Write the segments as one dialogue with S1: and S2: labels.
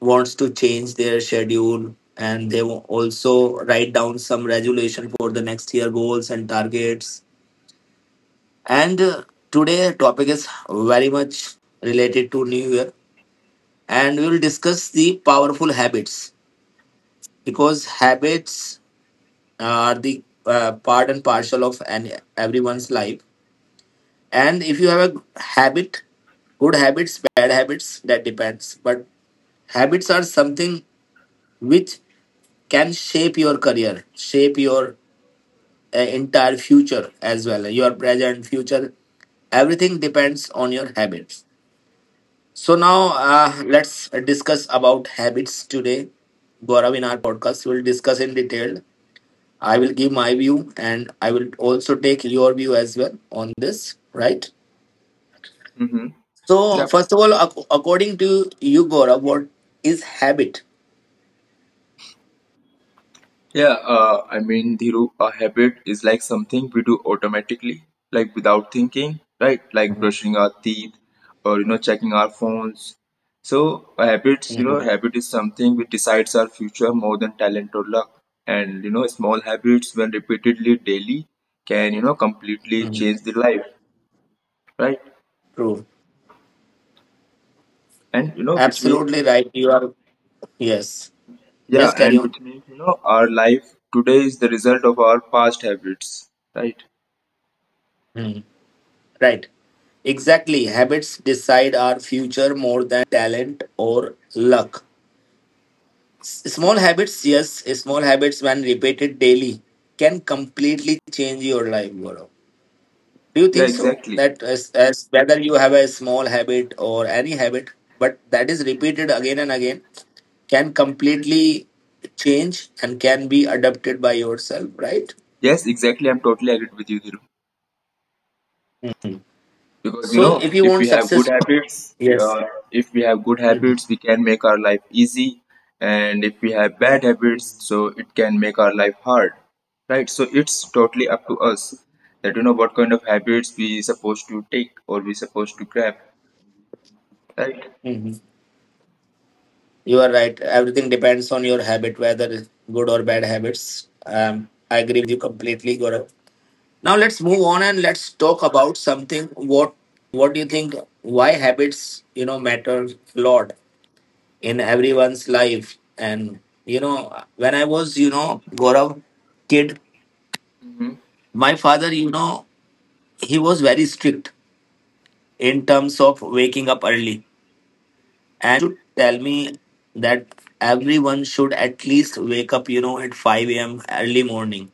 S1: Wants to change their schedule, and they will also write down some resolution for the next year, goals and targets. And today topic is very much related to new year, and we will discuss the powerful habits because habits are the part and parcel of an, everyone's life. And if you have a habit, good habits, bad habits, that depends, but habits are something which can shape your career, shape your entire future as well, your present, future, everything depends on your habits. So now let's discuss about habits today. Gaurav, in our podcast, we will discuss in detail. I will give my view and I will also take your view as well on this, right?
S2: Mm-hmm.
S1: So
S2: Yeah.
S1: first of all, according to you, Gaurav, what is habit?
S2: Yeah. I mean, Dhiru, a habit is like something we do automatically, like without thinking, right? Like
S1: Mhm.
S2: brushing our teeth, or checking our phones. So, a habit, you know,
S1: Mhm.
S2: habit is something which decides our future more than talent or luck. And small habits, when repeatedly daily, can completely
S1: Mhm.
S2: change the life, right?
S1: True.
S2: And which means,
S1: Absolutely right. You are. Yes.
S2: yeah,
S1: Yes, carry
S2: and
S1: on.
S2: which means you know our life today is the result of our past habits, right?
S1: Mhm. Right. Exactly. Habits decide our future more than talent or luck. Small habits, yes, small habits when repeated daily can completely change your life, Gaurav. Do you
S2: Yeah,
S1: think so?
S2: exactly.
S1: That as whether you have a small habit or any habit, but that is repeated again and again, can completely change and can be adopted by yourself, right?
S2: Yes, exactly. I'm totally agreed with you, Dhiru.
S1: Mm.
S2: Because
S1: So if you
S2: if
S1: want
S2: we have good
S1: success,
S2: habits
S1: yes.
S2: if we have good
S1: Mhm.
S2: habits, we can make our life easy, and if we have bad habits, so it can make our life hard, right? So it's totally up to us that what kind of habits we supposed to take or we supposed to grab, right?
S1: Mhm. You are right. Everything depends on your habit, whether good or bad habits. I agree you completely, Gaurav. Now let's move on and let's talk about something. What do you think? Why habits matter a lot in everyone's life? And you know, when I was Gaurav kid,
S2: Mm-hmm.
S1: my father, you know, he was very strict in terms of waking up early, and to tell me that everyone should at least wake up, you know, at 5 a.m early morning.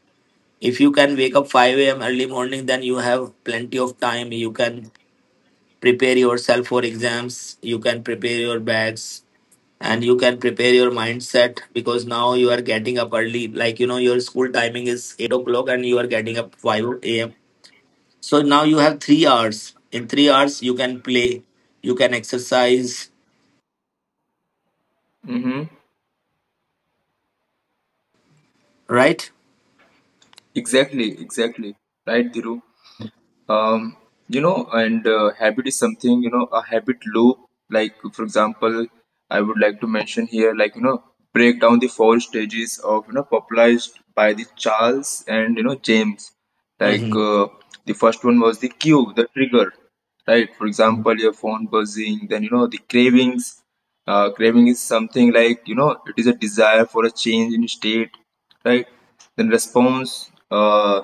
S1: If you can wake up 5 a.m early morning, then you have plenty of time. You can prepare yourself for exams, you can prepare your bags, and you can prepare your mindset because now you are getting up early, like, you know, your school timing is 8 o'clock and you are getting up 5 a.m, so now you have 3 hours. In 3 hours you can play, you can exercise,
S2: Mm-hmm.
S1: right?
S2: Exactly, exactly. Right, Dhiru. Um, and habit is something, a habit loop. Like, for example, I would like to mention here, like, break down the four stages of, popularized by the Charles and, James. Like,
S1: Mm-hmm.
S2: the first one was the cue, the trigger, right? For example, your phone buzzing, then, the cravings. Craving is something like, it is a desire for a change in state, right? Then response,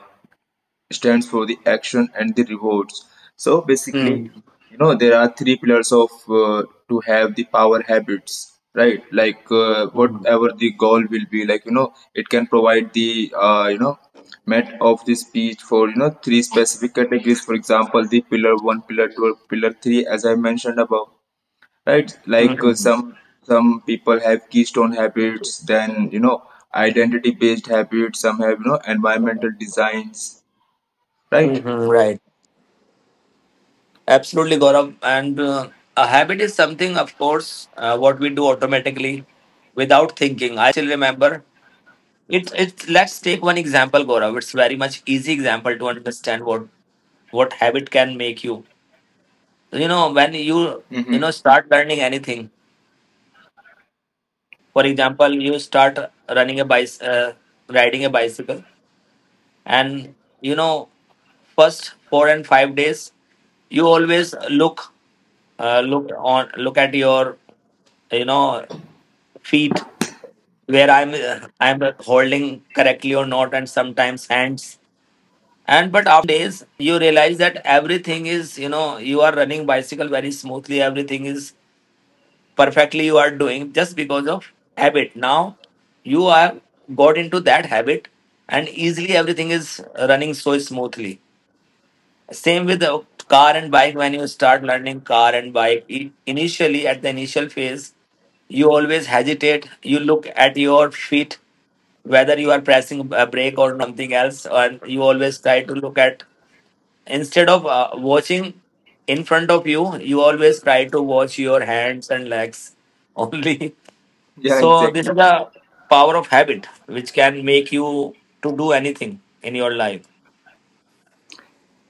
S2: stands for the action and the rewards. So basically,
S1: Mm-hmm.
S2: there are three pillars of to have the power habits, right? Like, whatever the goal will be, like, it can provide the met of the speech for three specific categories. For example, the pillar 1, pillar 2, or pillar 3, as I mentioned above, right? Like,
S1: Mm-hmm.
S2: some people have keystone habits, then identity based habits. Some have environmental designs, right?
S1: Mm-hmm. Right. Absolutely, Gaurav. And a habit is something, of course, what we do automatically without thinking. I still remember. It's it's. Let's take one example, Gaurav. It's very much easy example to understand what habit can make you. You know, when you know
S2: Mm-hmm.
S1: start learning anything. For example, you start running a bicycle, riding a bicycle, and you know, first 4 and 5 days you always look at your, you know, feet, where I'm holding correctly or not, and sometimes hands. And but after days you realize that everything is, you know, you are running bicycle very smoothly, everything is perfectly you are doing, just because of habit. Now you are got into that habit, and easily everything is running so smoothly. Same with the car and bike. When you start learning car and bike, initially at the initial phase, you always hesitate. You look at your feet whether you are pressing a brake or something else, and you always try to look at, instead of watching in front of you, you always try to watch your hands and legs only.
S2: Yeah,
S1: So this
S2: exactly.
S1: is the power of habit, which can make you to do anything in your life.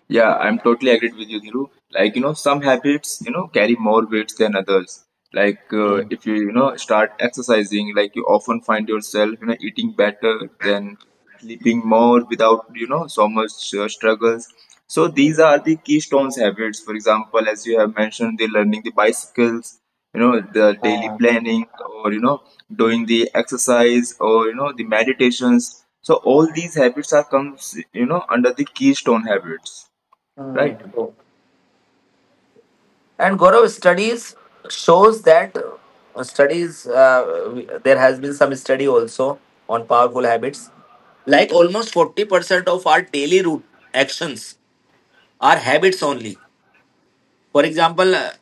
S2: Yeah, I'm totally agreed with you, Dhiru. Like, some habits, carry more weights than others. Like,
S1: Mm.
S2: if you, start exercising, like, you often find yourself, eating better, then sleeping more without, so much struggles. So, these are the keystones habits. For example, as you have mentioned, the learning the bicycles, the daily
S1: Ah.
S2: planning, or, doing the exercise, or, the meditations. So, all these habits are comes, under the keystone habits, right?
S1: Mm. And Gaurav, studies shows that studies there has been some study also on powerful habits. Like almost 40% of our daily root actions are habits only. For example,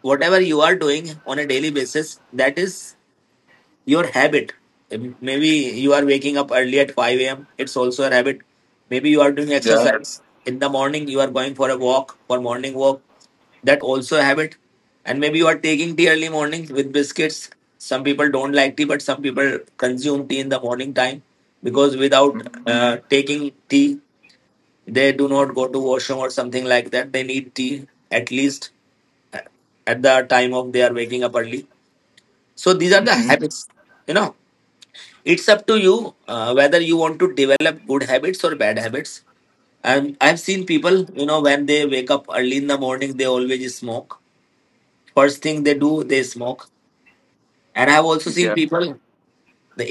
S1: whatever you are doing on a daily basis, that is your habit. Maybe you are waking up early at 5 a.m, it's also a habit. Maybe you are doing
S2: Yeah.
S1: exercise in the morning, you are going for a walk, for morning walk, that also a habit. And maybe you are taking tea early morning with biscuits. Some people don't like tea, but some people consume tea in the morning time because without
S2: Hmm.
S1: taking tea they do not go to washroom or something like that. They need tea at least at the time of they are waking up early. So these are the
S2: Hmm.
S1: habits. You know, it's up to you whether you want to develop good habits or bad habits. And I've seen people, you know, when they wake up early in the morning, they always smoke. First thing they do, they smoke. And I've also seen people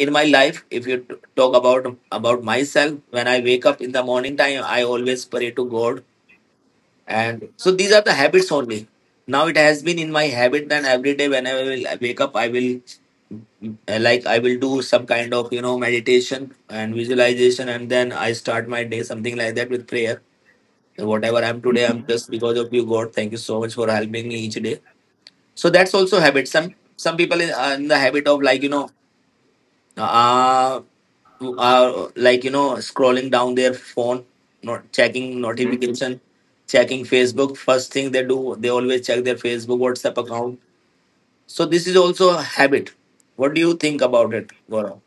S1: in my life, if you talk about myself, when I wake up in the morning time, I always pray to God. And so these are the habits only. Now it has been in my habit that every day when I will wake up, I will like I will do some kind of, you know, meditation and visualization, and then I start my day, something like that, with prayer. So whatever I'm today, I'm
S2: Hmm.
S1: just because of you, God. Thank you so much for helping me each day. So that's also habit. Some people are in the habit of, like, you know, uh, like, you know, scrolling down their phone, not checking
S2: Hmm.
S1: notification, checking Facebook. First thing they do, they always check their Facebook, WhatsApp account. So this is also a habit. What do you think about it, Gaurav?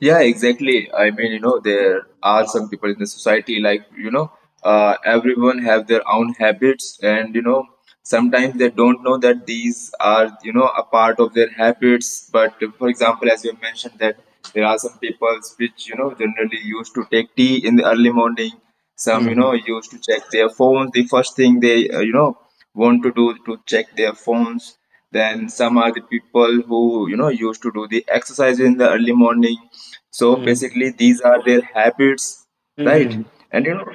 S2: Yeah, exactly. I mean, there are some people in the society like, everyone have their own habits, and, sometimes they don't know that these are, a part of their habits. But for example, as you mentioned, that there are some people which, generally used to take tea in the early morning. Some
S1: Hmm.
S2: used to check their phones, the first thing they want to do to check their phones. Then some are the people who used to do the exercise in the early morning. So
S1: Hmm.
S2: basically, these are their habits, right?
S1: Hmm.
S2: and you know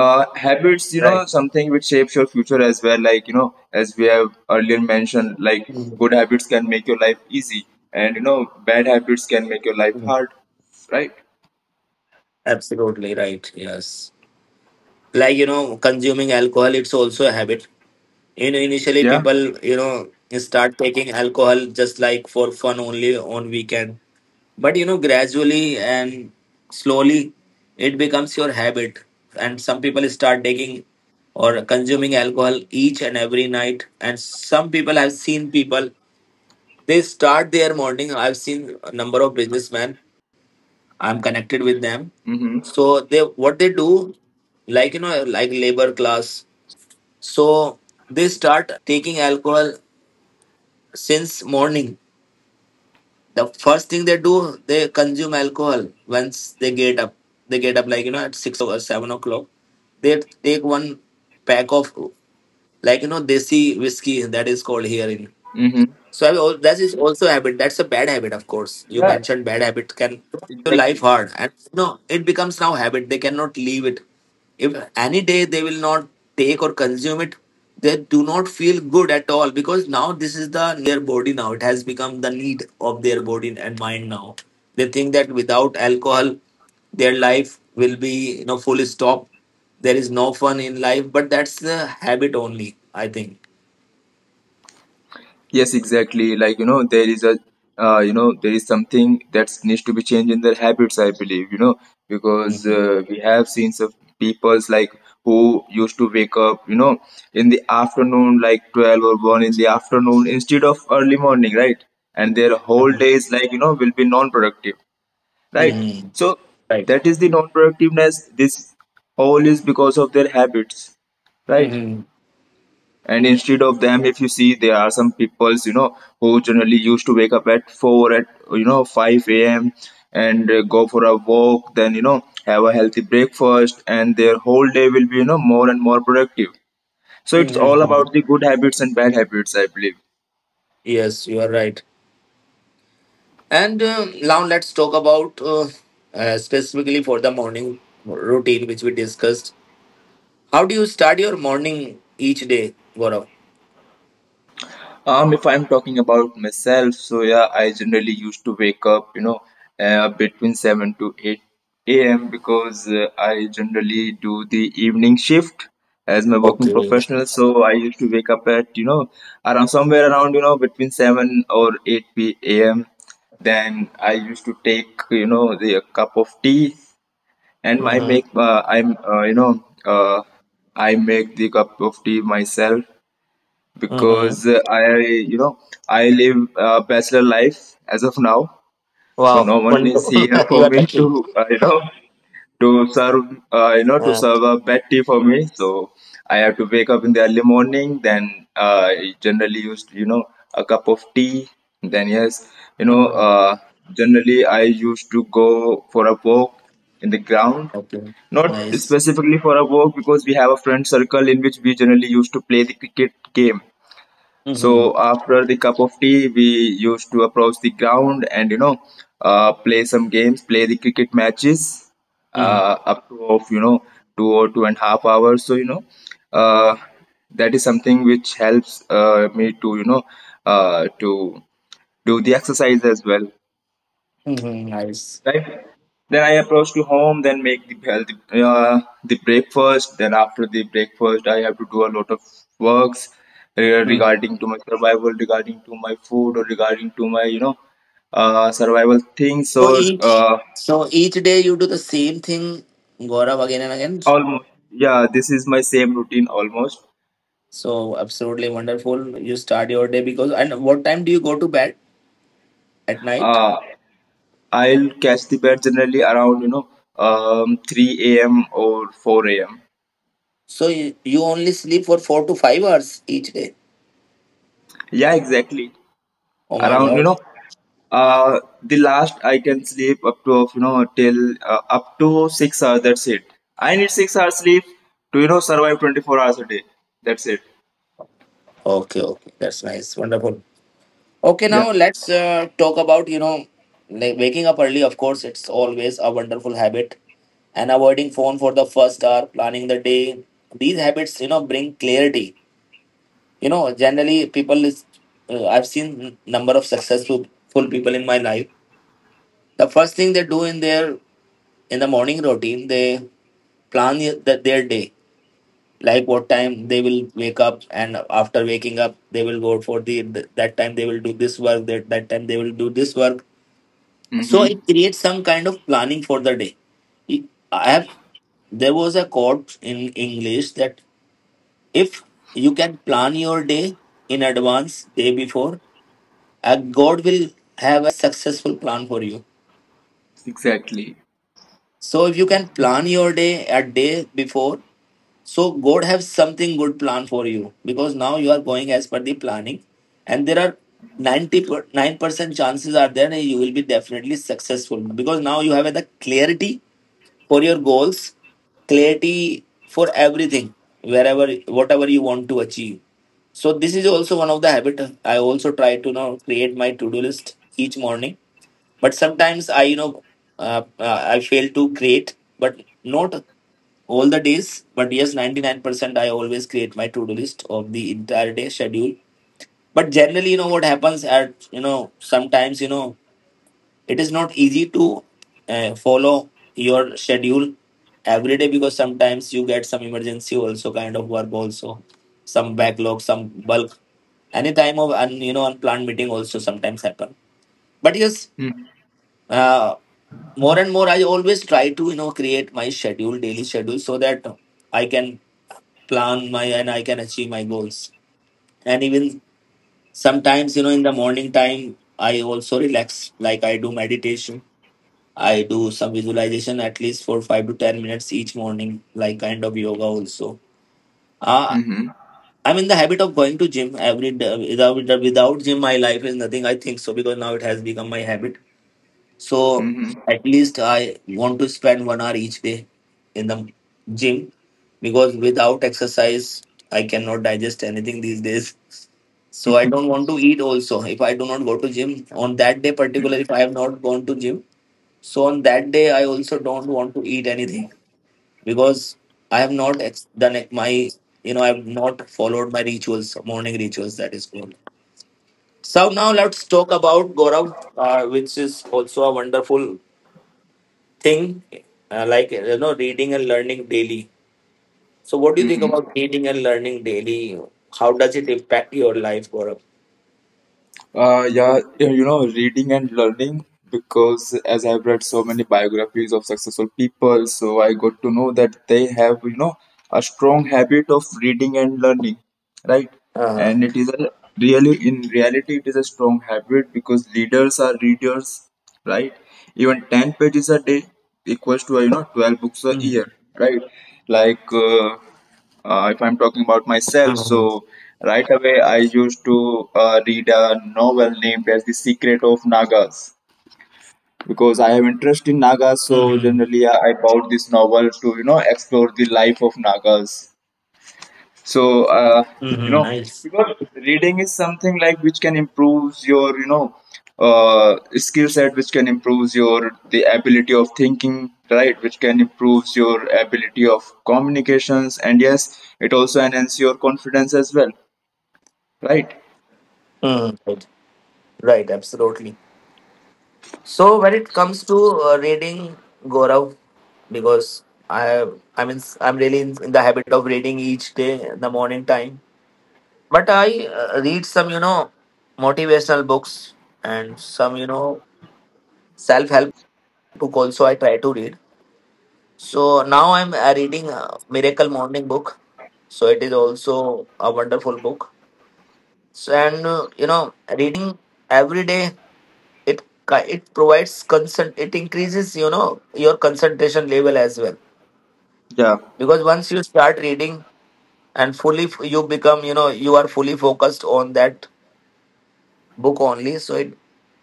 S2: uh, habits,
S1: Right.
S2: something which shapes your future as well, like, as we have earlier mentioned, like,
S1: Hmm.
S2: good habits can make your life easy, and bad habits can make your life hard, right?
S1: Absolutely right. Yes, like, you know, consuming alcohol, it's also a habit. You know, initially
S2: Yeah.
S1: people, you know, start taking alcohol just like for fun only on weekend, but you know, gradually and slowly it becomes your habit. And some people start taking or consuming alcohol each and every night. And some people, I've seen people, they start their morning, I've seen a number of businessmen I'm connected with them,
S2: Mm-hmm.
S1: so they what they do, like, you know, like labor class, so they start taking alcohol since morning. The first thing they do, they consume alcohol. Once they get up, they get up like, you know, at 6 or 7 o'clock, they take one pack of, like, you know, desi whiskey, that is called here in.
S2: Mm-hmm.
S1: So I that is also a habit. That's a bad habit, of course. You
S2: Yeah.
S1: mentioned bad habit can your life
S2: Exactly.
S1: hard, and no, it becomes now habit. They cannot leave it. If any day they will not take or consume it, they do not feel good at all because now this is the their body. Now it has become the need of their body and mind. Now they think that without alcohol, their life will be, you know, full stop. There is no fun in life, but that's the habit only, I think.
S2: Yes, exactly. Like, there is a, there is something that needs to be changed in their habits, I believe, because
S1: Mhm.
S2: we have seen some peoples like who used to wake up, in the afternoon, like 12 or 1 in the afternoon, instead of early morning, right? And their whole days, like, will be non productive, right?
S1: Mm-hmm.
S2: So
S1: Right.
S2: that is the non productiveness. This all is because of their habits, right?
S1: Mm-hmm.
S2: And instead of them, if you see, there are some peoples who generally used to wake up at 4, at 5 a.m, and go for a walk, then have a healthy breakfast, and their whole day will be more and more productive. So it's all
S1: Mm-hmm.
S2: about the good habits and bad habits, I believe.
S1: Yes, you are right. And now let's talk about specifically for the morning routine, which we discussed. How do you start your morning each day, Gaurav?
S2: If I'm talking about myself, so yeah, I generally used to wake up, between 7 to 8 a.m. because I generally do the evening shift as my working
S1: Okay.
S2: professional. So I used to wake up at, around somewhere around, you know, between 7 or 8 p.m. Then I used to take, the a cup of tea and my
S1: Mm-hmm.
S2: make, I'm, you know, I make the cup of tea myself
S1: Mm-hmm.
S2: because I live a bachelor life as of now. So
S1: Wow.
S2: no one is
S1: Wonderful.
S2: here
S1: You
S2: for
S1: are
S2: me
S1: lucky.
S2: to, to serve, to
S1: Uh,
S2: serve a bad tea for me. So I have to wake up in the early morning. Then I generally used, a cup of tea. Then yes, you know,
S1: hmm.
S2: uh, generally I used to go for a walk in the ground.
S1: Okay.
S2: Not
S1: Nice.
S2: specifically for a walk because we have a friend circle in which we generally used to play the cricket game.
S1: Mm-hmm.
S2: So after the cup of tea, we used to approach the ground and play some games, play the cricket matches,
S1: Mm-hmm.
S2: up to of two or two and a half hours. So uh, that is something which helps me to to do the exercise as well,
S1: Mm-hmm. Nice.
S2: right? Then I approach to home, then make the healthy the breakfast. Then after the breakfast, I have to do a lot of works
S1: Mm.
S2: regarding to my survival, regarding to my food, or regarding to my survival things.
S1: So
S2: Or
S1: each so each day you do the same thing, Gaurav, again and again.
S2: almost yeah, this is my same routine almost.
S1: So absolutely wonderful. You start your day because. And what time do you go to bed at night?
S2: Uh, I'll catch the bed generally around 3 a.m. or 4 a.m.
S1: So you only sleep for 4 to 5 hours each day.
S2: Yeah, exactly.
S1: Oh my
S2: Around
S1: God.
S2: the last I can sleep up to of till up to 6 hours. That's it. I need 6 hours sleep to survive 24 hours a day. That's it.
S1: Okay, okay, that's nice, wonderful. Okay,
S2: Yeah.
S1: now let's talk about, you know, like, waking up early. Of course, it's always a wonderful habit, and avoiding phone for the first hour, planning the day. These habits, you know, bring clarity. You know, generally people is, I've seen number of successful full people in my life. The first thing they do in their in the morning routine, they plan the, their day, like what time they will wake up, and after waking up they will go for the that time they will do this work, that that time they will do this work. So
S2: Mm-hmm.
S1: it creates some kind of planning for the day. I have, there was a quote in English that if you can plan your day in advance, day before, God will have a successful plan for you.
S2: Exactly.
S1: So if you can plan your day a day before, so God has something good plan for you, because now you are going as per the planning, and there are 99 percent chances are there that you will be definitely successful, because now you have the clarity for your goals, clarity for everything, wherever whatever you want to achieve. So this is also one of the habit. I also try to, you know, create my to do list each morning. But sometimes I you know I fail to create, but not all the days, but yes, 99% I always create my to-do list of the entire day schedule. But generally, what happens at, sometimes, it is not easy to follow your schedule every day, because sometimes you get some emergency also, kind of work also, some backlog, some bulk, any time of un, you know unplanned meeting also sometimes happen. But yes,
S2: Mm-hmm.
S1: uh, more and more, I always try to create my schedule, daily schedule, so that I can plan my and I can achieve my goals. And even sometimes, in the morning time, I also relax. Like, I do meditation, I do some visualization at least for 5 to 10 minutes each morning, like kind of yoga also. Uh,
S2: Mm-hmm.
S1: I'm in the habit of going to gym every day. Without gym, my life is nothing. I think so, because now it has become my habit. So
S2: Mhm.
S1: at least I want to spend 1 hour each day in the gym, because without exercise, I cannot digest anything these days. So I
S2: Mm-hmm.
S1: don't want to eat also. If I do not go to gym on that day, particularly if I have not gone to gym, so on that day I also don't want to eat anything, because I have not ex- done it- my you know I have not followed my rituals, morning rituals. That is called. So now let's talk about Gaurav, which is also a wonderful thing, like, reading and learning daily. So what do you think about reading and learning daily? How does it impact your life, Gaurav?
S2: Yeah, reading and learning because as I've read so many biographies of successful people, so I got to know that they have, a strong habit of reading and learning, right?
S1: Uh,
S2: And it is a really, in reality, it is a strong habit because leaders are readers, right? Even 10 pages a day equals to, 12 books a
S1: mm-hmm.
S2: year, right? Like, if I'm talking about myself, so right away I used to read a novel named as The Secret of Nagas because I have interest in Nagas. So
S1: Mm-hmm.
S2: generally, I bought this novel to explore the life of Nagas, so you
S1: Mm-hmm.
S2: know
S1: Nice.
S2: because reading is something like which can improve your skill set, which can improve your the ability of thinking, right? Which can improves your ability of communications, and yes, it also enhances your confidence as well, right?
S1: Mm, right, right, absolutely. So when it comes to reading, Gaurav, because I mean, I'm really in the habit of reading each day in the morning time. But I read some, motivational books, and some, self-help book also, I try to read. So now I'm reading Miracle Morning book. So it is also a wonderful book. So and reading every day, it it provides consent, it increases, your concentration level as well.
S2: Yeah.
S1: Because once you start reading and you become, you are fully focused on that book only, so it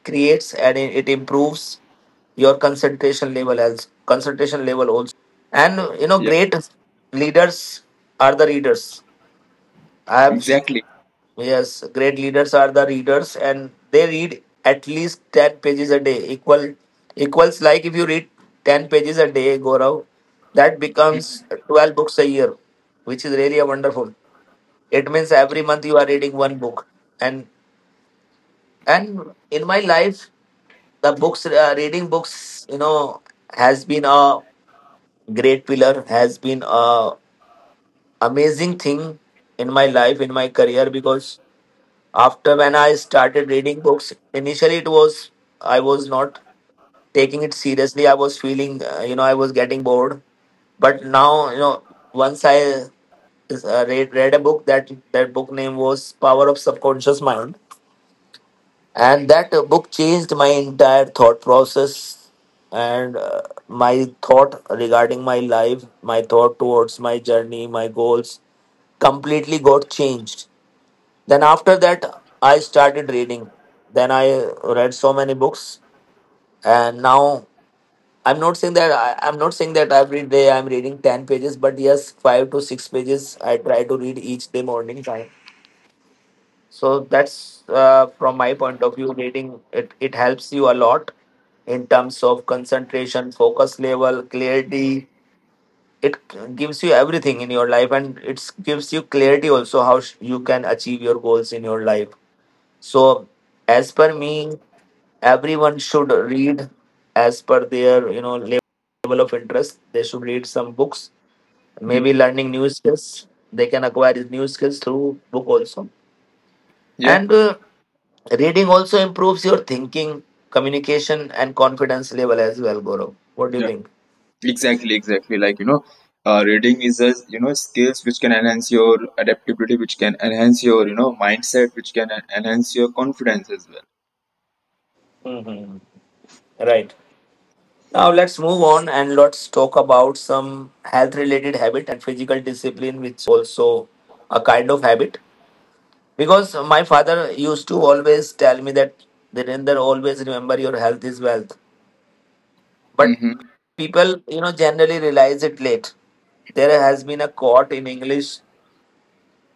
S1: creates. And it improves your concentration level as concentration level. And
S2: Yeah,
S1: great leaders are the readers. I have
S2: exactly.
S1: Yes, great leaders are the readers, and they read at least 10 pages a day. Equal equals Like, if you read 10 pages a day, Gaurav, that becomes 12 books a year, which is really a wonderful. It means every month you are reading one book. And and in my life, the books, reading books, has been a great pillar, has been a amazing thing in my life, in my career. Because after when I started reading books, initially it was, I was not taking it seriously, I was feeling, I was getting bored. But now, once I read a book — that book name was Power of Subconscious Mind — and that book changed my entire thought process, and my thought regarding my life, my thought towards my journey, my goals, completely got changed. Then after that, I started reading. Then I read so many books, and now I'm not saying that every day I'm reading 10 pages, but yes, 5 to 6 pages I try to read each day morning time. So that's from my point of view, reading, it helps you a lot in terms of concentration, focus level, clarity. It gives you everything in your life, and it gives you clarity also how you can achieve your goals in your life. So, as per me, everyone should read as per their level of interest. They should read some books, maybe
S2: Mhm.
S1: learning new skills. They can acquire new skills through book also.
S2: Yeah.
S1: And reading also improves your thinking, communication, and confidence level as well, Goro. What do you
S2: Yeah.
S1: think?
S2: Exactly, exactly. Like, reading is a, skills which can enhance your adaptability, which can enhance your, mindset, which can enhance your confidence as well.
S1: Hmm. Right. Now let's move on, and let's talk about some health related habit and physical discipline, which also a kind of habit. Because my father used to always tell me that, "Dhirendra, always remember, your health is wealth." But
S2: Mm-hmm.
S1: people, generally realize it late. There has been a quote in English: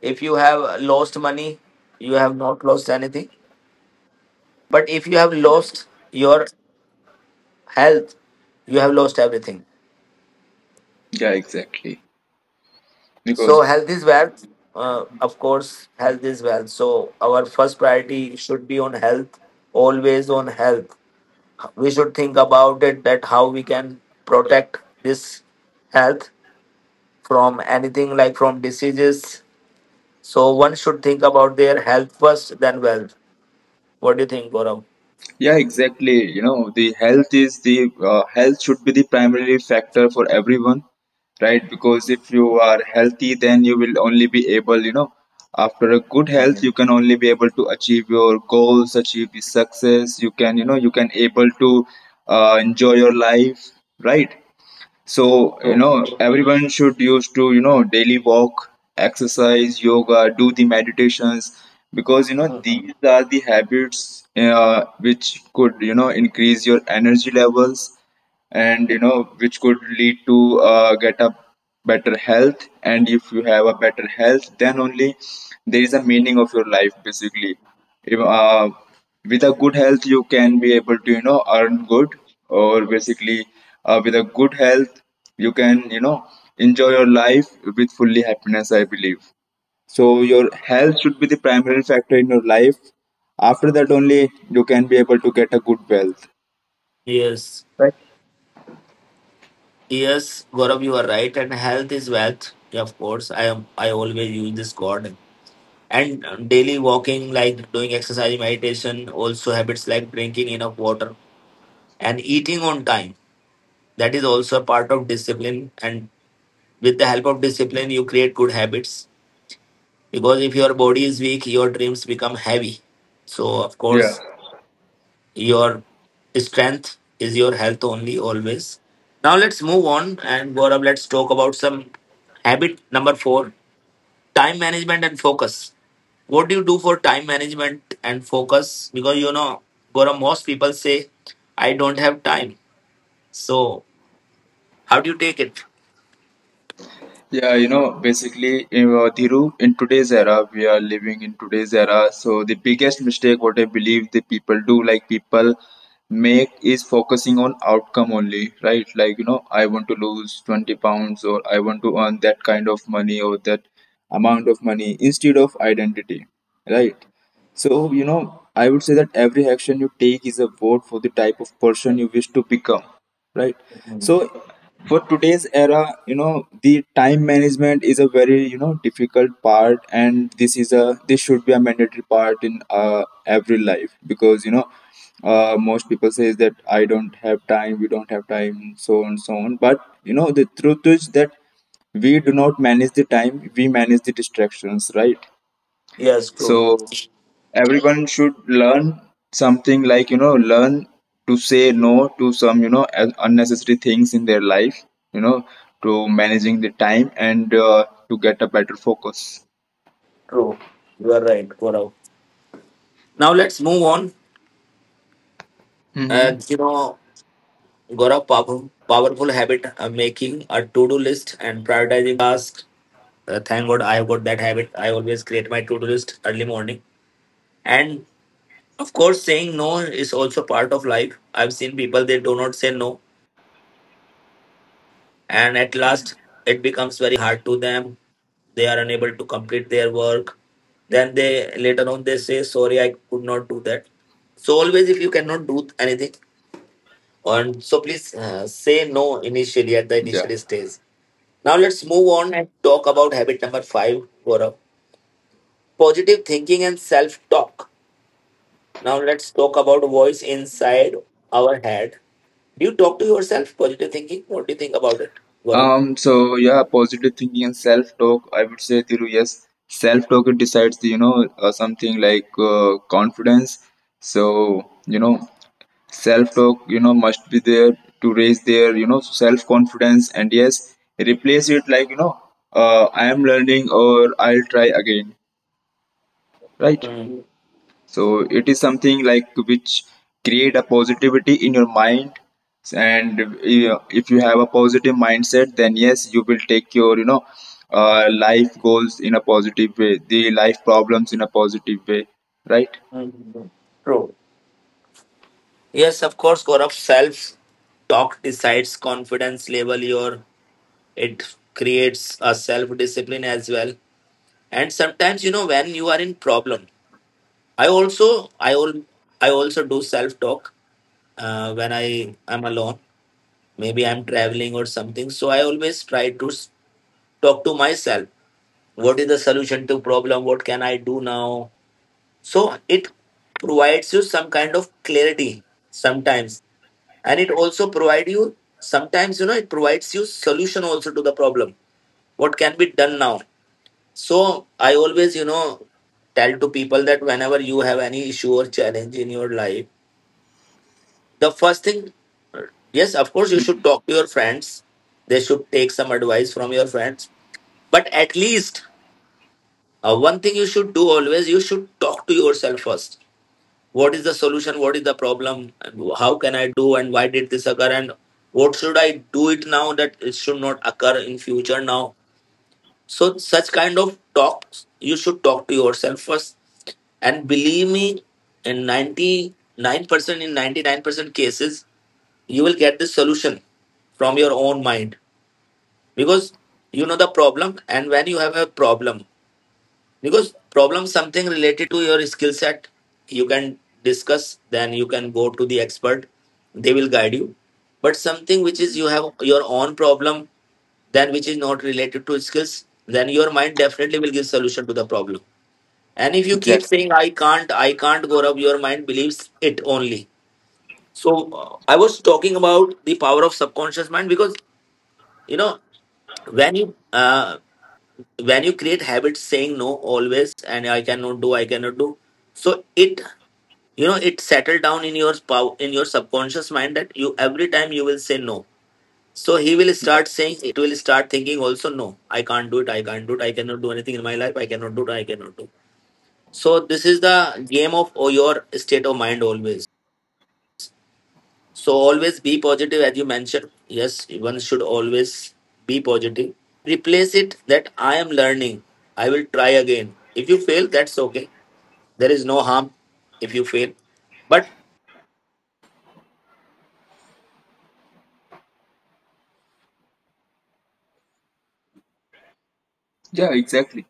S1: if you have lost money, you have not lost anything, but if you have lost your health, you have lost everything.
S2: Yeah, exactly.
S1: So,
S2: Because
S1: health is wealth. Of course, health is wealth. So, our first priority should be on health. Always on health we should think about it, that how we can protect this health from anything, like from diseases. So one should think about their health first, then wealth. What do you think, Gaurav?
S2: Yeah, exactly. The health is the health should be the primary factor for everyone, right? Because if you are healthy, then you will only be able, after a good health,
S1: Mhm.
S2: you can only be able to achieve your goals, achieve the success. You can able to enjoy your life, right? So,
S1: True.
S2: everyone should use to, daily walk, exercise, yoga, do the meditations because, these
S1: Mhm.
S2: are the habits which could, increase your energy levels, and, which could lead to get a better health. And if you have a better health, then only there is a meaning of your life, basically. If, with a good health, you can be able to earn good, or basically with a good health, you can enjoy your life with fully happiness, I believe. So your health should be the primary factor in your life. After that only, you can be able to get a good wealth.
S1: Yes, yes, Gaurav, you are right. And health is wealth. Yeah, of course, I am. I always use this God. And daily walking, like doing exercise, meditation, also habits like drinking enough water and eating on time. That is also a part of discipline, and with the help of discipline, you create good habits. Because if your body is weak, your dreams become heavy. So, of
S2: Yeah.
S1: course, your strength is your health only, always. Now, let's move on. And Gaurav, let's talk about some habit number four: time management and focus. What do you do for time management and focus? Because, Gaurav, most people say, "I don't have time." So, how do you take it?
S2: Yeah, basically, Dhiru, in today's era, we are living in today's era. So the biggest mistake, what I believe the people do, like people make, is focusing on outcome only, right? Like, I want to lose 20 pounds or I want to earn that kind of money or that amount of money instead of identity, right? So, I would say that every action you take is a vote for the type of person you wish to become, right? So for today's era, the time management is a very difficult part, and this should be a mandatory part in every life, because most people says that I don't have time, we don't have time, so on, so on, but the truth is that we do not manage the time, we manage the distractions, right?
S1: Yes, true,
S2: So everyone should learn something, like, learn to say no to some unnecessary things in their life, you know to managing the time and to get a better focus.
S1: true. You are right, Gaurav. Now let's move on.
S2: Mm-hmm.
S1: And, got a powerful, powerful habit of making a to-do list and prioritizing tasks. Thank God I have got that habit. I always create my to-do list early morning. And of course, saying no is also part of life. I've seen people, they do not say no, and at last it becomes very hard to them. They are unable to complete their work. Then they, later on they say, "Sorry, I could not do that." So always, if you cannot do anything, and so please say no initially at the
S2: Yeah.
S1: initial stage. Now let's move on, and talk about habit number five for a positive thinking and self talk. Now let's talk about voice inside our head. Do you talk to yourself, positive thinking? What do you think about it, Gaurav?
S2: So, yeah, positive thinking and self-talk, I would say, Thiru. Yes, self-talk, it decides the, something like, confidence. So self talk must be there to raise their self confidence. And yes, replace it, like, I am learning or I'll try again, right?
S1: Mm,
S2: So it is something like which create a positivity in your mind, and if you have a positive mindset, then yes, you will take your, life goals in a positive way, the life problems in a positive way, right?
S1: mm, true. Yes, of course, Gaurav. Self talk decides confidence level, your it creates a self discipline as well. And sometimes, when you are in problem, I also I all I also do self talk when I am alone. Maybe I'm traveling or something. So I always try to talk to myself. What is the solution to problem? What can I do now? So it provides you some kind of clarity sometimes, and it also provide you sometimes you know it provides you solution also to the problem. What can be done now? So I always, tell to people that whenever you have any issue or challenge in your life, the first thing, yes, of course, you should talk to your friends. They should take some advice from your friends. But at least one thing you should do always, you should talk to yourself first. What is the solution? What is the problem? How can I do? And why did this occur? And what should I do it now, that it should not occur in future now? So such kind of talks, you should talk to yourself first. And believe me, in 99% in 99% cases you will get the solution from your own mind, because the problem. And when you have a problem, because problem something related to your skill set, you can discuss, then you can go to the expert, they will guide you. But something which is, you have your own problem, then, which is not related to skills, then your mind definitely will give solution to the problem. And if you keep
S2: Exactly.
S1: saying, "I can't, I can't," go up, your mind believes it only. So I was talking about the power of subconscious mind, because you know when you when you create habits, saying no always, and "I cannot do, I cannot do," so it, it settle down in your subconscious mind that you, every time you will say no. So he will
S2: Yeah,
S1: start saying, it will start thinking also, "No, I can't do it, I can't do it, I cannot do anything in my life, I cannot do it, I cannot do." So this is the game of, oh, your state of mind always. So always be positive. As you mentioned, yes, one should always be positive. Replace it that, "I am learning. I will try again. If you fail, that's okay. There is no harm if you fail." But —
S2: yeah, exactly.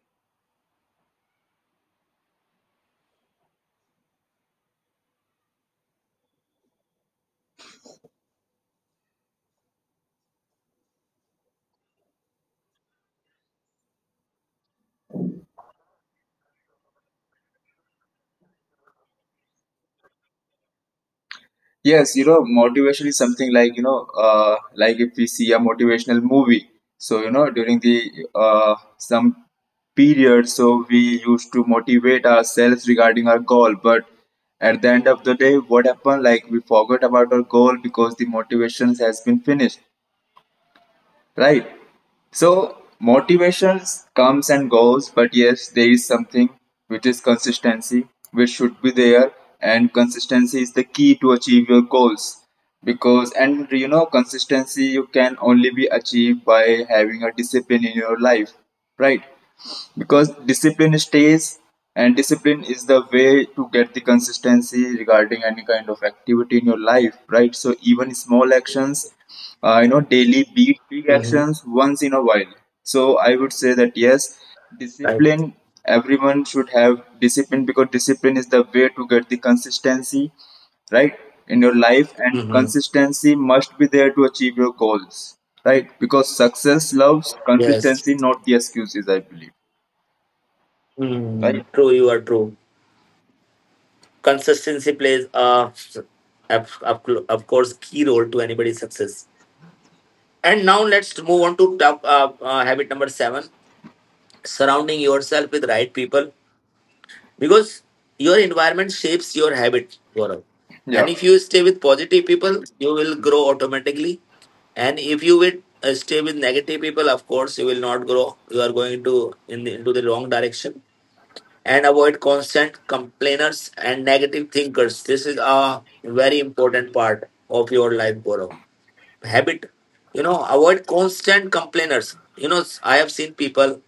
S2: Yes, motivation is something like, like if we see a motivational movie. So, during the some period, so we used to motivate ourselves regarding our goal. But at the end of the day, what happened? Like, we forgot about our goal because the motivations has been finished, right? So motivations comes and goes, but yes, there is something which is consistency, which should be there, and consistency is the key to achieve your goals. Because consistency you can only be achieved by having a discipline in your life, right? Because discipline stays, and discipline is the way to get the consistency regarding any kind of activity in your life, right? So even small actions daily beat big
S1: Mm-hmm.
S2: actions once in a while. So I would say that, yes,
S1: Right.
S2: discipline everyone should have discipline, because discipline is the way to get the consistency, right, in your life, and
S1: Mm-hmm.
S2: consistency must be there to achieve your goals, right? Because success loves
S1: Yes.
S2: consistency, not the excuses, I believe,
S1: Mm,
S2: right?
S1: true. You are true. Consistency plays of, of, of course, key role to anybody's success. And now let's move on to habit number seven: surrounding yourself with right people, because your environment shapes your habit, Gaurav. And
S2: Yeah,
S1: if you stay with positive people, you will grow automatically. And if you will stay with negative people, of course, you will not grow. You are going to, into the wrong direction. And avoid constant complainers and negative thinkers. This is a very important part of your life, Gaurav. Habit, avoid constant complainers. You know, I have seen people,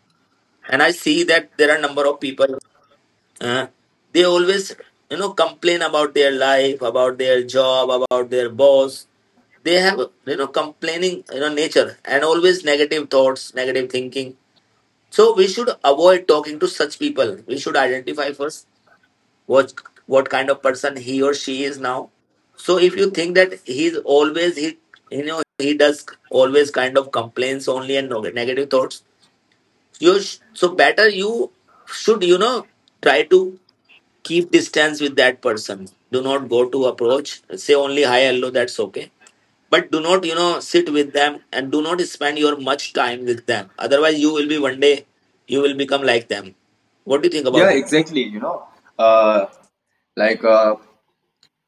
S1: and I see that there are number of people. Uh, they always, complain about their life, about their job, about their boss. They have, complaining, nature, and always negative thoughts, negative thinking. So we should avoid talking to such people. We should identify first what what kind of person he or she is. Now, so if you think that he's always, he you know he does always kind of complaints only, and negative thoughts, so better you should, try to keep distance with that person. Do not go to approach, say only hi hello, that's okay. But do not, sit with them, and do not spend your much time with them. Otherwise, you will be one day you will become like them. What do you think
S2: yeah,
S1: about it?
S2: exactly. You know uh like,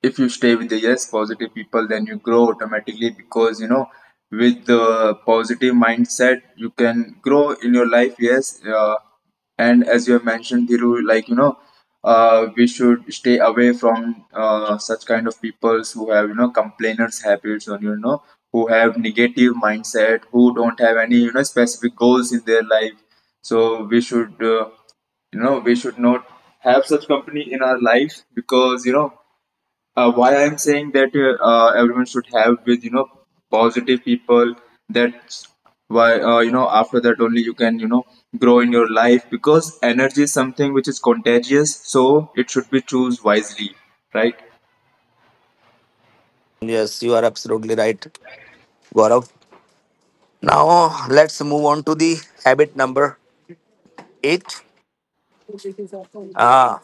S2: if you stay with the, yes, positive people, then you grow automatically, because with the positive mindset you can grow in your life. Yes, and as you have mentioned, Dhiru, like, we should stay away from such kind of peoples who have complainers habits, or who have negative mindset, who don't have any specific goals in their life. So we should not have such company in our life, because why I'm saying that, everyone should have with positive people. That's why, after that only you can grow in your life, because energy is something which is contagious, so it should be choose wisely, right?
S1: Yes, you are absolutely right, Gaurav. Now let's move on to the habit number eight. Ah,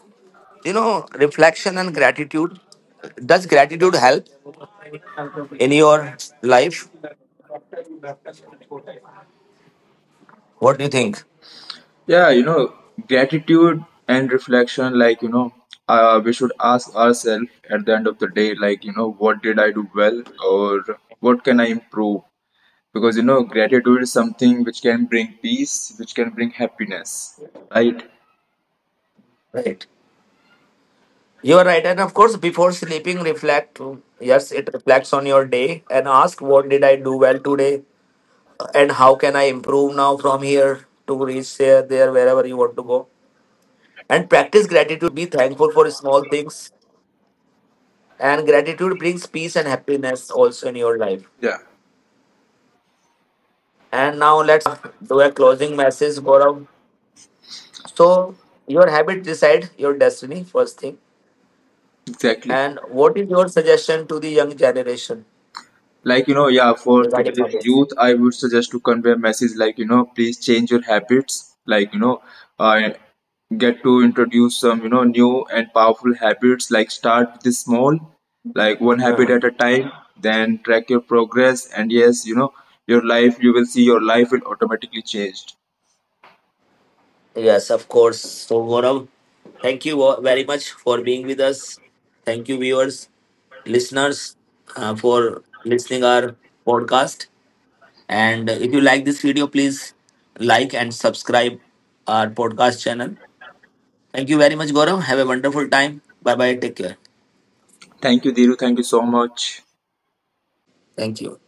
S1: reflection and gratitude. Does gratitude help in your life? What do you think?
S2: Yeah, gratitude and reflection, like. We should ask ourselves at the end of the day, like, what did I do well or what can I improve? Because gratitude is something which can bring peace, which can bring happiness, right?
S1: Right. You are right. And of course, before sleeping, reflect. Yes, it reflects on your day and ask, "What did I do well today? And how can I improve now, from here to reach there, there, wherever you want to go?" And practice gratitude. Be thankful for small things, and gratitude brings peace and happiness also in your life.
S2: Yeah,
S1: And now let's do a closing message, Gaurav. So your habit decide your destiny, first thing.
S2: exactly.
S1: And what is your suggestion to the young generation
S2: Like, yeah, for
S1: regarding
S2: today's
S1: habits?
S2: youth, I would suggest to convey a message, like, please change your habits, like, uh, get to introduce some new and powerful habits, like start with the small, like one habit
S1: uh
S2: at a time, then track your progress, and yes, you will see your life will automatically change.
S1: yes, of course. So Gaurav, thank you very much for being with us. Thank you, viewers, listeners, for listening our podcast. And if you like this video, please like and subscribe our podcast channel. Thank you very much, Gaurav. Have a wonderful time. Bye bye. Take care.
S2: Thank you, Diru. Thank you so much.
S1: Thank you.